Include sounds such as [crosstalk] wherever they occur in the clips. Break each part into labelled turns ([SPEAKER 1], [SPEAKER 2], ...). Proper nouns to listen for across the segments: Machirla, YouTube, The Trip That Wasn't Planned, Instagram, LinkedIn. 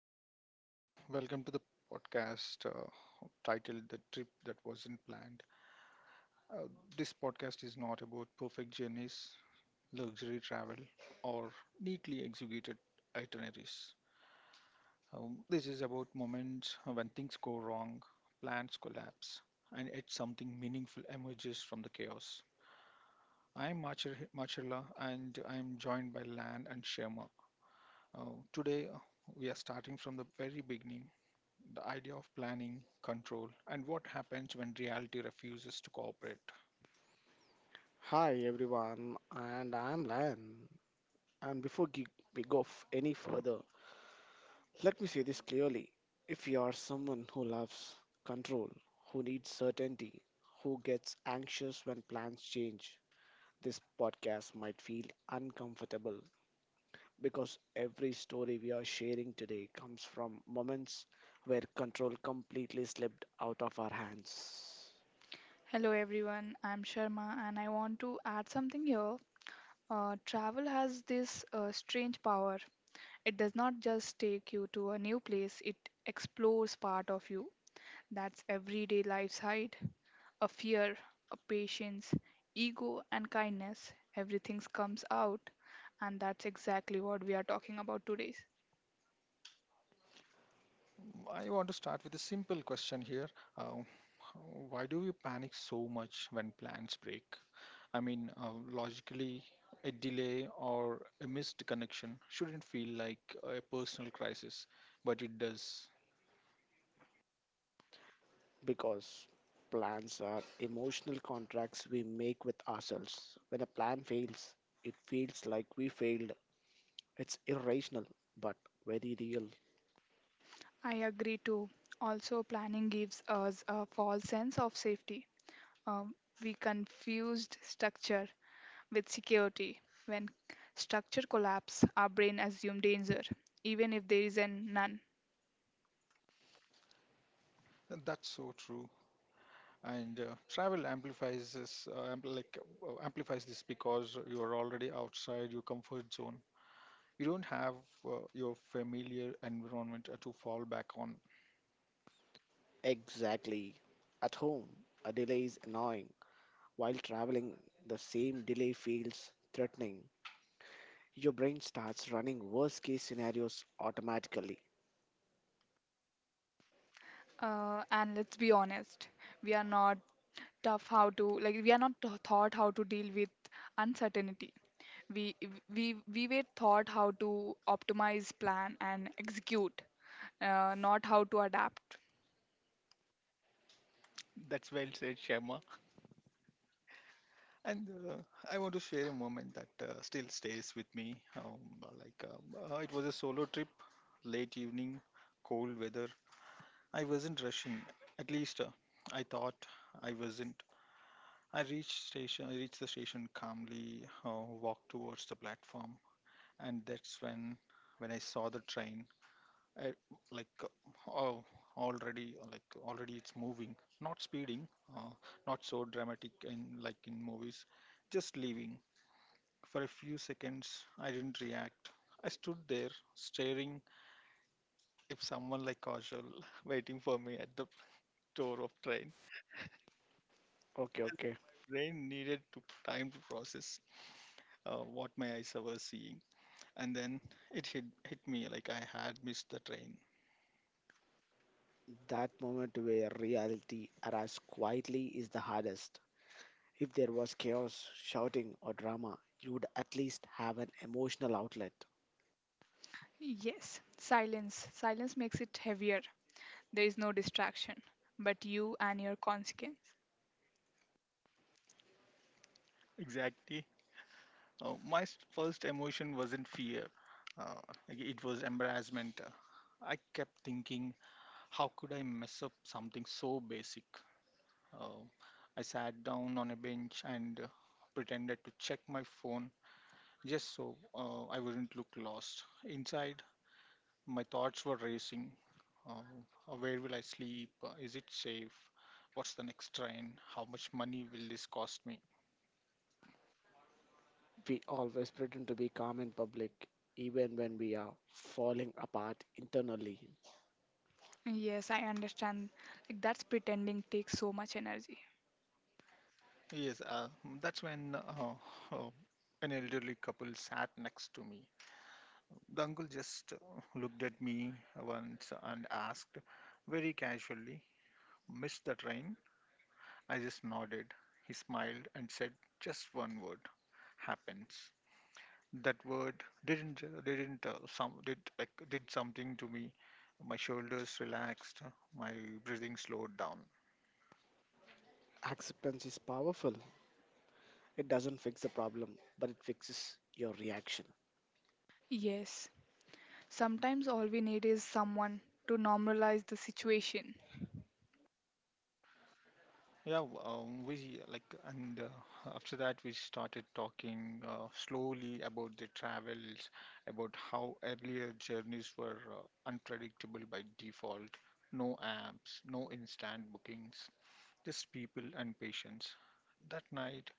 [SPEAKER 1] everyone. Uh, Welcome to the podcast titled The Trip That Wasn't Planned. Uh, this podcast is not about perfect journeys, luxury travel, or neatly executed itineraries. This is about moments when things go wrong, plans collapse, and yet something meaningful emerges from the chaos. I'm Machirla, and I'm joined by Lan and Shema. Today, we are starting from the very beginning the idea of planning, control, and what happens when reality refuses to cooperate.
[SPEAKER 2] Hi everyone, and I'm Lion. And before gi- we go any further, let me say this clearly. If you are someone who loves control, who needs certainty, who gets anxious when plans change, this podcast might feel uncomfortable because every story we are sharing today comes from moments where control completely slipped out of our hands.
[SPEAKER 3] Hello everyone, I'm Sharma and I want to add something here. Travel has this strange power. It does not just take you to a new place, it explores part of you. That's everyday life's hide, a fear, a patience, ego, and kindness. Everything comes out, and that's exactly what we are talking about today.
[SPEAKER 1] I want to start with a simple question here. Uh, why do we panic so much when plans break? I mean, logically, a delay or a missed connection shouldn't feel like a personal crisis, but it does.
[SPEAKER 2] Because plans are emotional contracts we make with ourselves. When a plan fails, it feels like we failed. It's irrational, but very real.
[SPEAKER 3] I agree too. Also, planning gives us a false sense of safety. Um, we confused structure with security. When structure collapse, our brain assume danger, even if there is an none.
[SPEAKER 1] And that's so true. And travel amplifies this, like amplifies this because you are already outside your comfort zone. You don't have your familiar environment to fall back on.
[SPEAKER 2] Exactly. At home, a delay is annoying. While traveling, the same delay feels threatening. Your brain starts running worst case scenarios automatically.
[SPEAKER 3] And let's be honest, we are not tough how to like we are not tau- taught how to deal with uncertainty. We we were taught how to optimize, plan, and execute, not how to adapt.
[SPEAKER 1] That's well said, Shema. And I want to share a moment that still stays with me. Like, it was a solo trip, late evening, cold weather. I wasn't rushing. At least I thought I wasn't. I reached station. I reached the station calmly. Walked towards the platform, and that's when I saw the train. I, like oh, already it's moving, not speeding, uh, not so dramatic in like in movies, just leaving. For a few seconds I didn't react. I stood there staring, if someone like casual [laughs] waiting for me at the door of train.
[SPEAKER 2] Okay, okay.
[SPEAKER 1] Brain needed to time to process, what my eyes were seeing, and then it hit me like I had missed the train.
[SPEAKER 2] That moment where reality arrives quietly is the hardest. If there was chaos, shouting, or drama, you would at least have an emotional outlet.
[SPEAKER 3] Yes, silence. Silence makes it heavier. There is no distraction, but you and your consequence.
[SPEAKER 1] Exactly. My first emotion wasn't fear, uh, like, it was embarrassment. I kept thinking, how could I mess up something so basic? Uh, I sat down on a bench and pretended to check my phone just so I wouldn't look lost. Inside, my thoughts were racing. Uh, where will I sleep? Is it safe? What's the next train? How much money will this cost me?
[SPEAKER 2] We always pretend to be calm in public, even when we are falling apart internally.
[SPEAKER 3] Yes, I understand. Like that's pretending takes so much energy.
[SPEAKER 1] Yes, that's when uh, an elderly couple sat next to me. The uncle just looked at me once and asked very casually, "Missed the train?" I just nodded. He smiled and said just one word: happens. That word didn't some did like, did something to me. My shoulders relaxed, my breathing slowed down.
[SPEAKER 2] Acceptance is powerful. It doesn't fix the problem, but it fixes your reaction.
[SPEAKER 3] Yes, sometimes all we need is someone to normalize the situation,
[SPEAKER 1] Yeah, we like, and after that, we started talking slowly about the travels, about how earlier journeys were unpredictable by default, no apps, no instant bookings, just people and patience. That night,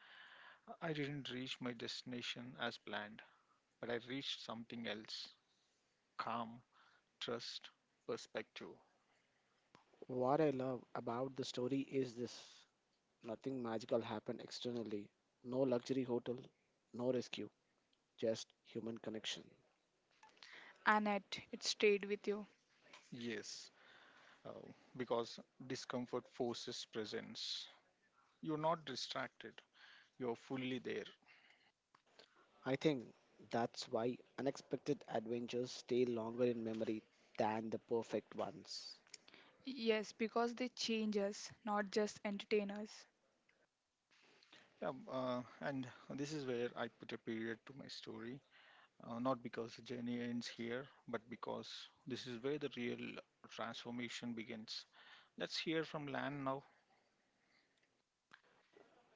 [SPEAKER 1] I didn't reach my destination as planned, but I reached something else: calm, trust, perspective.
[SPEAKER 2] What I love about the story is this nothing magical happened externally. No luxury hotel, no rescue, just human connection.
[SPEAKER 3] and it stayed with you.
[SPEAKER 1] Yes, uh, because discomfort forces presence. You're not distracted, you're fully there.
[SPEAKER 2] I think that's why unexpected adventures stay longer in memory than the perfect ones.
[SPEAKER 3] Yes, because they change us, not just entertain us.
[SPEAKER 1] Yeah, and this is where I put a period to my story. Not because the journey ends here, but because this is where the real transformation begins. Let's hear from Lan now.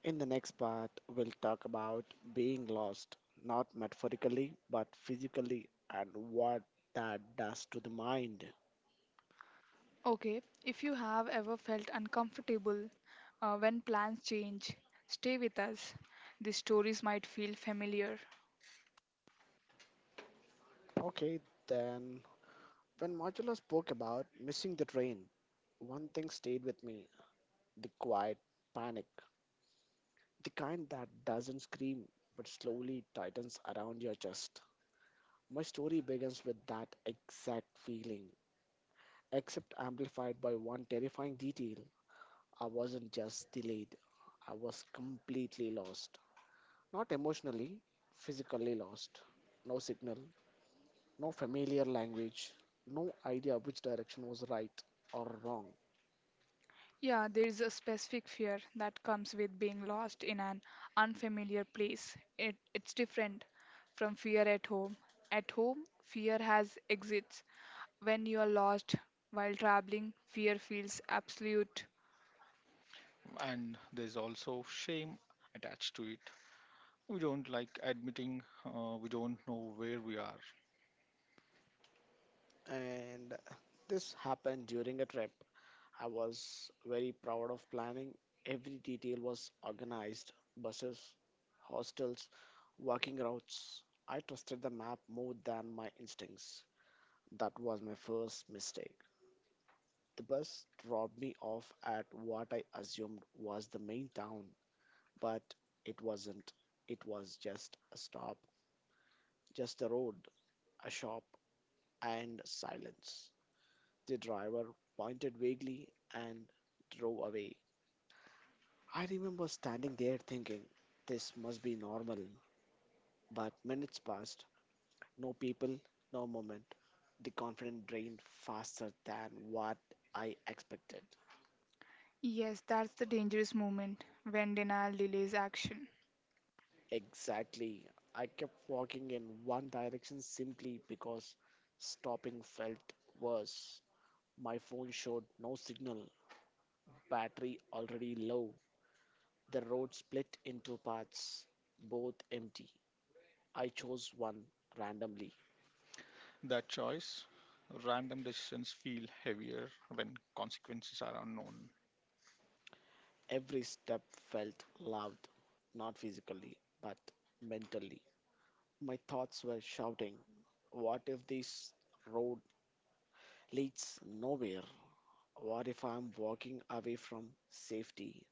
[SPEAKER 2] In the next part, we'll talk about being lost, not metaphorically, but physically, and what that does to the mind.
[SPEAKER 3] Okay, if you have ever felt uncomfortable when plans change, stay with us. These stories might feel familiar.
[SPEAKER 2] Okay, then, when Marcella spoke about missing the train, one thing stayed with me the quiet panic, the kind that doesn't scream but slowly tightens around your chest. My story begins with that exact feeling, except amplified by one terrifying detail. I wasn't just delayed, I was completely lost. Not emotionally, physically lost. No signal, no familiar language, no idea which direction was right or wrong.
[SPEAKER 3] Yeah, there is a specific fear that comes with being lost in an unfamiliar place. It's different from fear at home. At home, fear has exits. When you are lost while traveling, fear feels absolute.
[SPEAKER 1] And there's also shame attached to it. We don't like admitting we don't know where we are.
[SPEAKER 2] And this happened during a trip I was very proud of planning. Every detail was organized buses, hostels, walking routes. I trusted the map more than my instincts. That was my first mistake. The bus dropped me off at what I assumed was the main town, but it wasn't. It was just a stop, just a road, a shop, and silence. The driver pointed vaguely and drove away. I remember standing there thinking, this must be normal. But minutes passed, no people, no moment. The confidence drained faster than what I expected.
[SPEAKER 3] Yes, that's the dangerous moment when denial delays action.
[SPEAKER 2] Exactly. I kept walking in one direction simply because stopping felt worse. My phone showed no signal, battery already low. The road split into parts, both empty. I chose one randomly.
[SPEAKER 1] That choice, random decisions feel heavier when consequences are unknown.
[SPEAKER 2] Every step felt loud, not physically, but mentally. My thoughts were shouting, what if this road leads nowhere? What if I'm walking away from safety?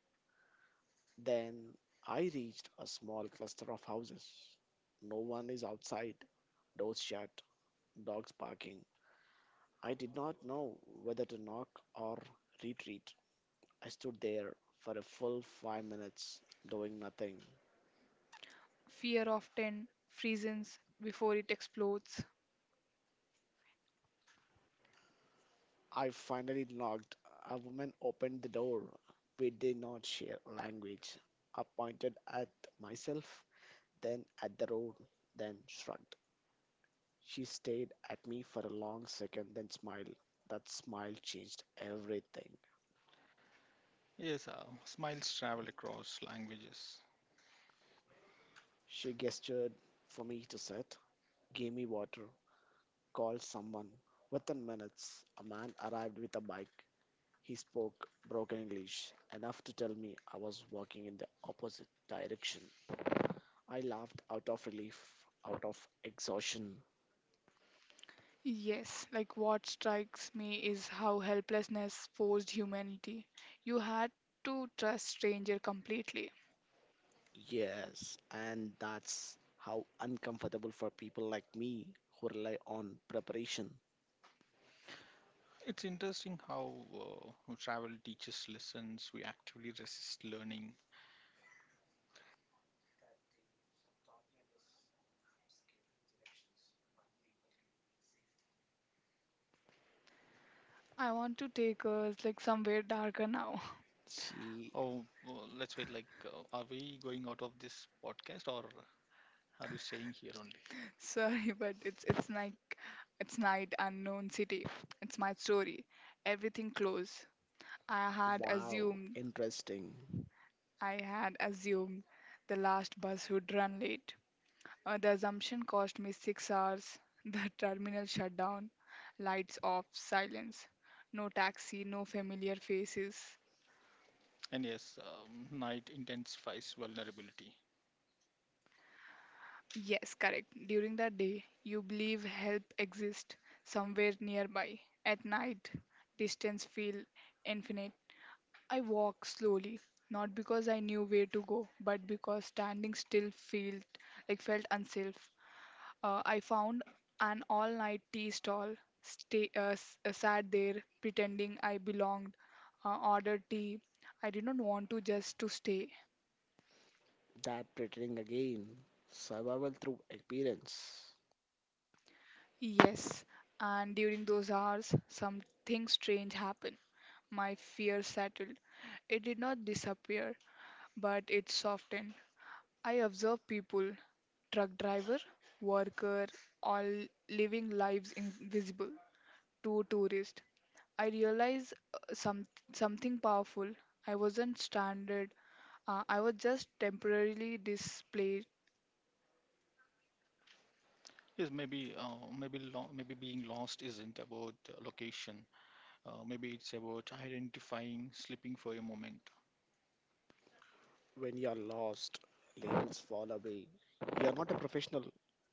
[SPEAKER 2] Then I reached a small cluster of houses. No one is outside, doors shut, dogs barking. I did not know whether to knock or retreat. I stood there for a full 5 minutes doing nothing.
[SPEAKER 3] Fear often freezes before it explodes.
[SPEAKER 2] I finally knocked. A woman opened the door. We did not share language. I pointed at myself, then at the road, then shrugged. She stared at me for a long second, then smiled. That smile changed everything.
[SPEAKER 1] Yes, smiles travel across languages.
[SPEAKER 2] She gestured for me to sit, gave me water, called someone. Within minutes, a man arrived with a bike. He spoke broken English, enough to tell me I was walking in the opposite direction. I laughed out of relief, out of exhaustion.
[SPEAKER 3] Yes, like what strikes me is how helplessness forced humanity. You had to trust stranger completely.
[SPEAKER 2] Yes, and that's how uncomfortable for people like me who rely on preparation.
[SPEAKER 1] It's interesting how travel teaches lessons we actively resist learning.
[SPEAKER 3] I want to take us like somewhere darker now.
[SPEAKER 2] Gee,
[SPEAKER 1] Oh, well, let's wait. Like, are we going out of this podcast, or are we staying here only?
[SPEAKER 3] [laughs] Sorry, but it's it's night unknown city. It's my story. Everything close. I had
[SPEAKER 2] wow,
[SPEAKER 3] assumed
[SPEAKER 2] interesting.
[SPEAKER 3] I had assumed the last bus would run late. The assumption cost me 6 hours. [laughs] The terminal shut down. Lights off, silence. No taxi, no familiar faces.
[SPEAKER 1] And yes, night intensifies vulnerability.
[SPEAKER 3] Yes, correct. During the day, you believe help exists somewhere nearby. At night, distance feel infinite. I walk slowly, not because I knew where to go, but because standing still felt unsafe. I found an all night tea stall, sat there pretending I belonged, ordered tea. I did not want to just to stay.
[SPEAKER 2] That pretending again. Survival through experience.
[SPEAKER 3] Yes, and during those hours, something strange happened. My fear settled. It did not disappear, but it softened. I observed people, truck driver, worker, all living lives invisible to tourist. I realized something powerful. I wasn't stranded. I was just temporarily displaced,
[SPEAKER 1] Yes, maybe being lost isn't about location. Maybe it's about identifying, slipping for a moment.
[SPEAKER 2] When you're lost, labels fall away. You're not a professional,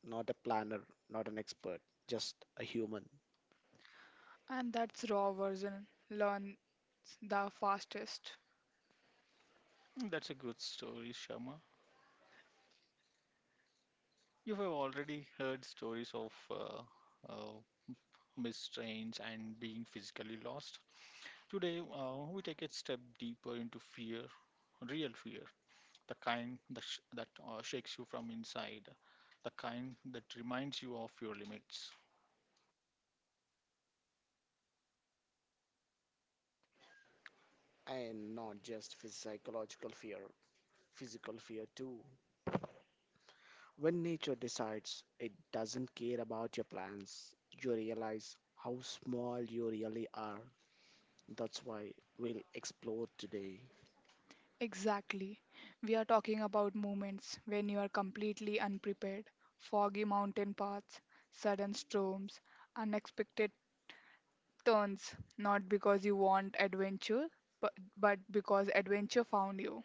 [SPEAKER 2] not a planner, not an expert, just a human.
[SPEAKER 3] and that's raw version learns the fastest.
[SPEAKER 1] That's a good story, Sharma. You have already heard stories of uh, Miss Strange, and being physically lost. Today, we take a step deeper into fear, real fear, the kind that shakes you from inside, the kind that reminds you of your limits.
[SPEAKER 2] And not just psychological fear, physical fear too. When nature decides it doesn't care about your plans, you realize how small you really are. That's why we'll explore today.
[SPEAKER 3] Exactly. We are talking about moments when you are completely unprepared. Foggy mountain paths, sudden storms, unexpected turns, not because you want adventure, but, but because adventure found you.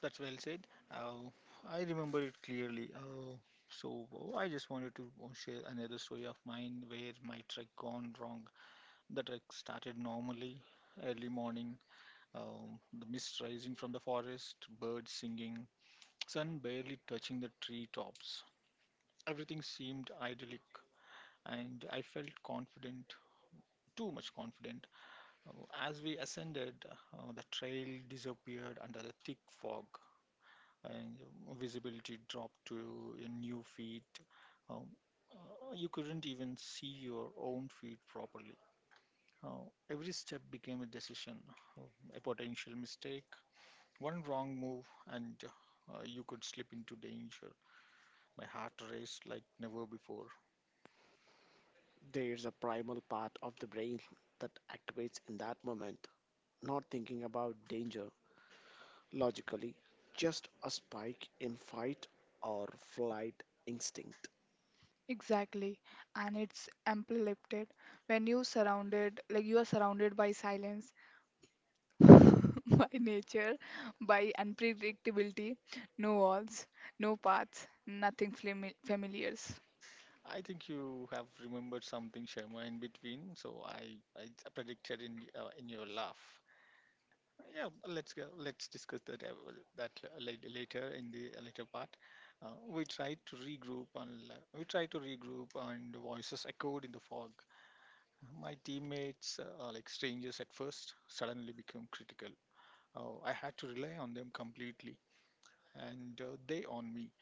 [SPEAKER 1] That's well said. Uh, I remember it clearly. I just wanted to share another story of mine where my trek gone wrong. The trek started normally, early morning, the mist rising from the forest, birds singing, sun barely touching the treetops. Everything seemed idyllic, and I felt confident, too much confident. Uh, As we ascended, the trail disappeared under the thick fog, and visibility dropped to a new feet. Um, you couldn't even see your own feet properly. Uh, every step became a decision, uh, a potential mistake, one wrong move, and you could slip into danger. My heart raced like never before.
[SPEAKER 2] There's a primal part of the brain that activates in that moment, not thinking about danger logically, just a spike in fight or flight instinct.
[SPEAKER 3] Exactly, and it's amplified when you are surrounded by silence, [laughs] by nature, by unpredictability, no walls, no paths, nothing familiars.
[SPEAKER 1] I think you have remembered something, Sharma, in between. So I predicted in in your laugh. Yeah, let's go. Let's discuss that later in the later part. We tried to regroup and la- we tried to regroup, and the voices echoed in the fog. My teammates, are like strangers at first, suddenly became critical. Oh, I had to rely on them completely, and they on me.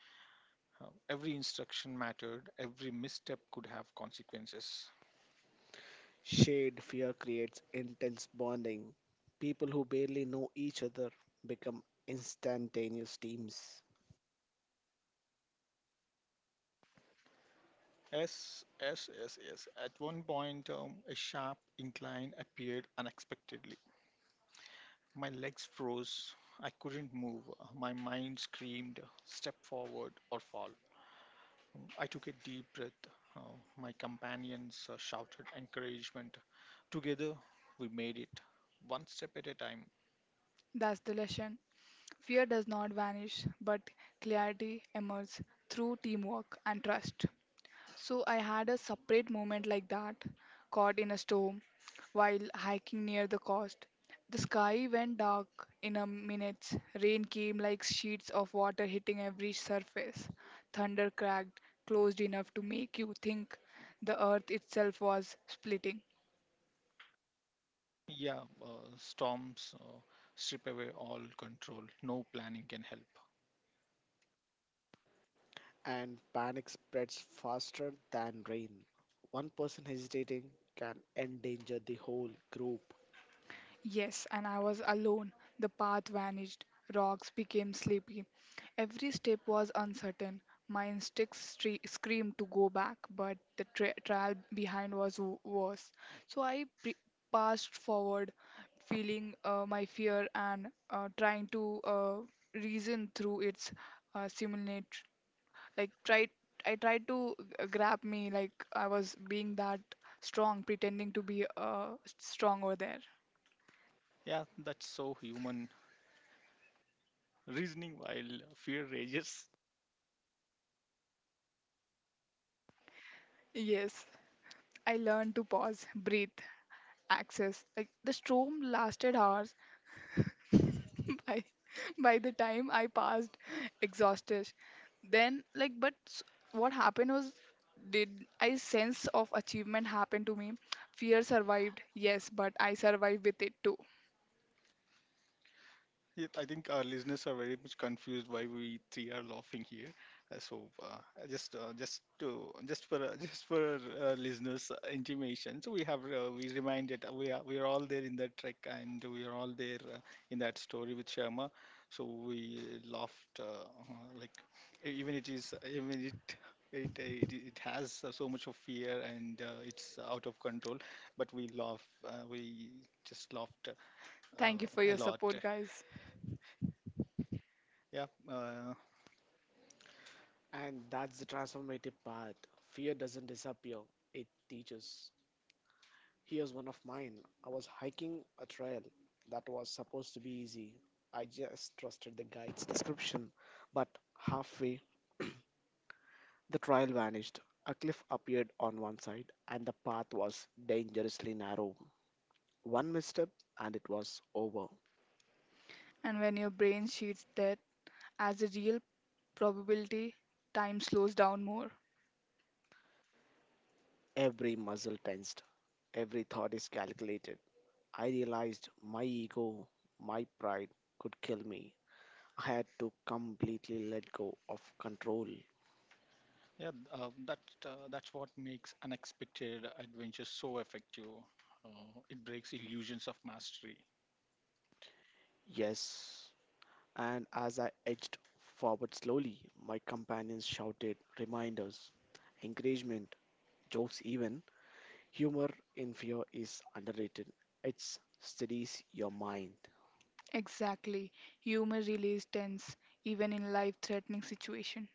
[SPEAKER 1] Every instruction mattered, every misstep could have consequences.
[SPEAKER 2] Shared fear creates intense bonding. People who barely know each other become instantaneous teams.
[SPEAKER 1] Yes, yes, yes, yes. At one point, a sharp incline appeared unexpectedly. My legs froze. I couldn't move. My mind screamed, step forward or fall. I took a deep breath. My companions shouted encouragement. Together, we made it, one step at a time.
[SPEAKER 3] That's the lesson. Fear does not vanish, but clarity emerges through teamwork and trust. So I had a separate moment like that, caught in a storm while hiking near the coast. The sky went dark in a minute. Rain came like sheets of water hitting every surface. Thunder cracked, closed enough to make you think the earth itself was splitting.
[SPEAKER 1] Yeah, storms strip away all control. No planning can help.
[SPEAKER 2] And panic spreads faster than rain. One person hesitating can endanger the whole group.
[SPEAKER 3] Yes, and I was alone. The path vanished. Rocks became sleepy. Every step was uncertain. My instincts screamed to go back, but the trail behind was worse. So I passed forward, feeling my fear and trying to reason through its simulate. Like tried, I tried to grab me like I was being that strong, pretending to be strong over there.
[SPEAKER 1] Yeah, that's so human. Reasoning while fear rages.
[SPEAKER 3] Yes, I learned to pause, breathe, access. Like the storm lasted hours. [laughs] by by the time I passed exhausted. Then like but s- what happened was did I sense of achievement happen to me? Fear survived, yes, but I survived with it too.
[SPEAKER 1] Yeah, I think our listeners are very much confused why we three are laughing here. I just for [laughs] just for listeners' intimation, so we have we reminded we are all there in that trek and we are all there in that story with Sharma. So we laughed like even it is even it. It has so much of fear and it's out of control, but we laugh. We just laughed uh,
[SPEAKER 3] Thank you for
[SPEAKER 1] a
[SPEAKER 3] your
[SPEAKER 1] lot.
[SPEAKER 3] support, guys.
[SPEAKER 1] Yeah,
[SPEAKER 2] And that's the transformative path. Fear doesn't disappear, it teaches. Here's one of mine. I was hiking a trail that was supposed to be easy. I just trusted the guide's description, but halfway [clears throat] the trail vanished. A cliff appeared on one side, and the path was dangerously narrow. One misstep, and it was over.
[SPEAKER 3] And when your brain sheets that as a real probability, time slows down more.
[SPEAKER 2] Every muscle tensed, every thought is calculated. I realized my ego, my pride could kill me. I had to completely let go of control.
[SPEAKER 1] yeah, that's what makes unexpected adventure so effective. It breaks illusions of mastery.
[SPEAKER 2] Yes. And as I edged forward slowly, my companions shouted reminders, encouragement, jokes, even humor in fear is underrated. It steadies your mind.
[SPEAKER 3] Exactly. Humor relieves tense, even in life threatening situations.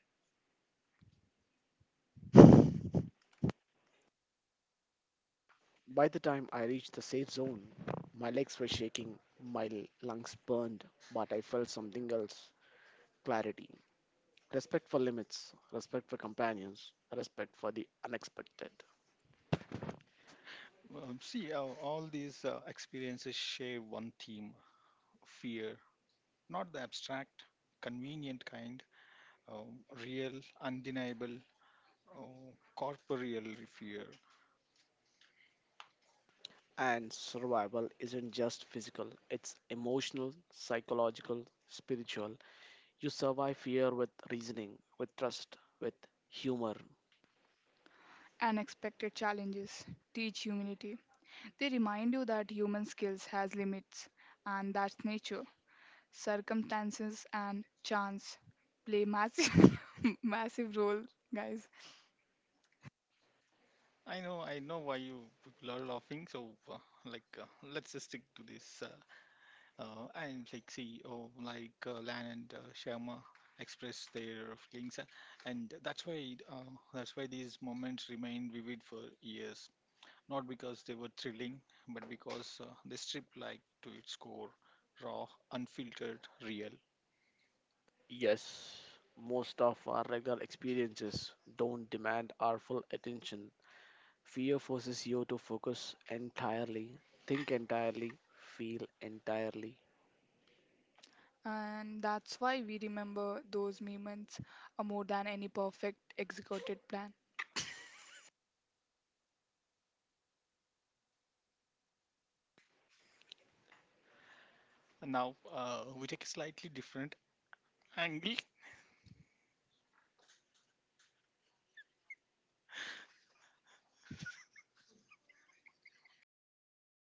[SPEAKER 2] By the time I reached the safe zone, my legs were shaking, my lungs burned, but I felt something else clarity. Respect for limits, respect for companions, respect for the unexpected.
[SPEAKER 1] See, all these experiences share one theme: fear, not the abstract, convenient kind, uh, real, undeniable, corporeal fear.
[SPEAKER 2] And survival isn't just physical, it's emotional, psychological, spiritual. You survive fear with reasoning, with trust, with humor.
[SPEAKER 3] Unexpected challenges teach humility. They remind you that human skills has limits and that's nature. Circumstances and chance play massive [laughs] massive role, guys.
[SPEAKER 1] I know why you people are laughing. So, like, let's just stick to this. And like CEO like Lan and Sharma express their feelings, and that's why these moments remain vivid for years. Not because they were thrilling, but because they strip like to its core, raw, unfiltered, real.
[SPEAKER 2] Yes, most of our regular experiences don't demand our full attention, fear forces you to focus entirely, think entirely, feel entirely.
[SPEAKER 3] And that's why we remember those moments more than any perfect executed plan.
[SPEAKER 1] And now we take a slightly different angle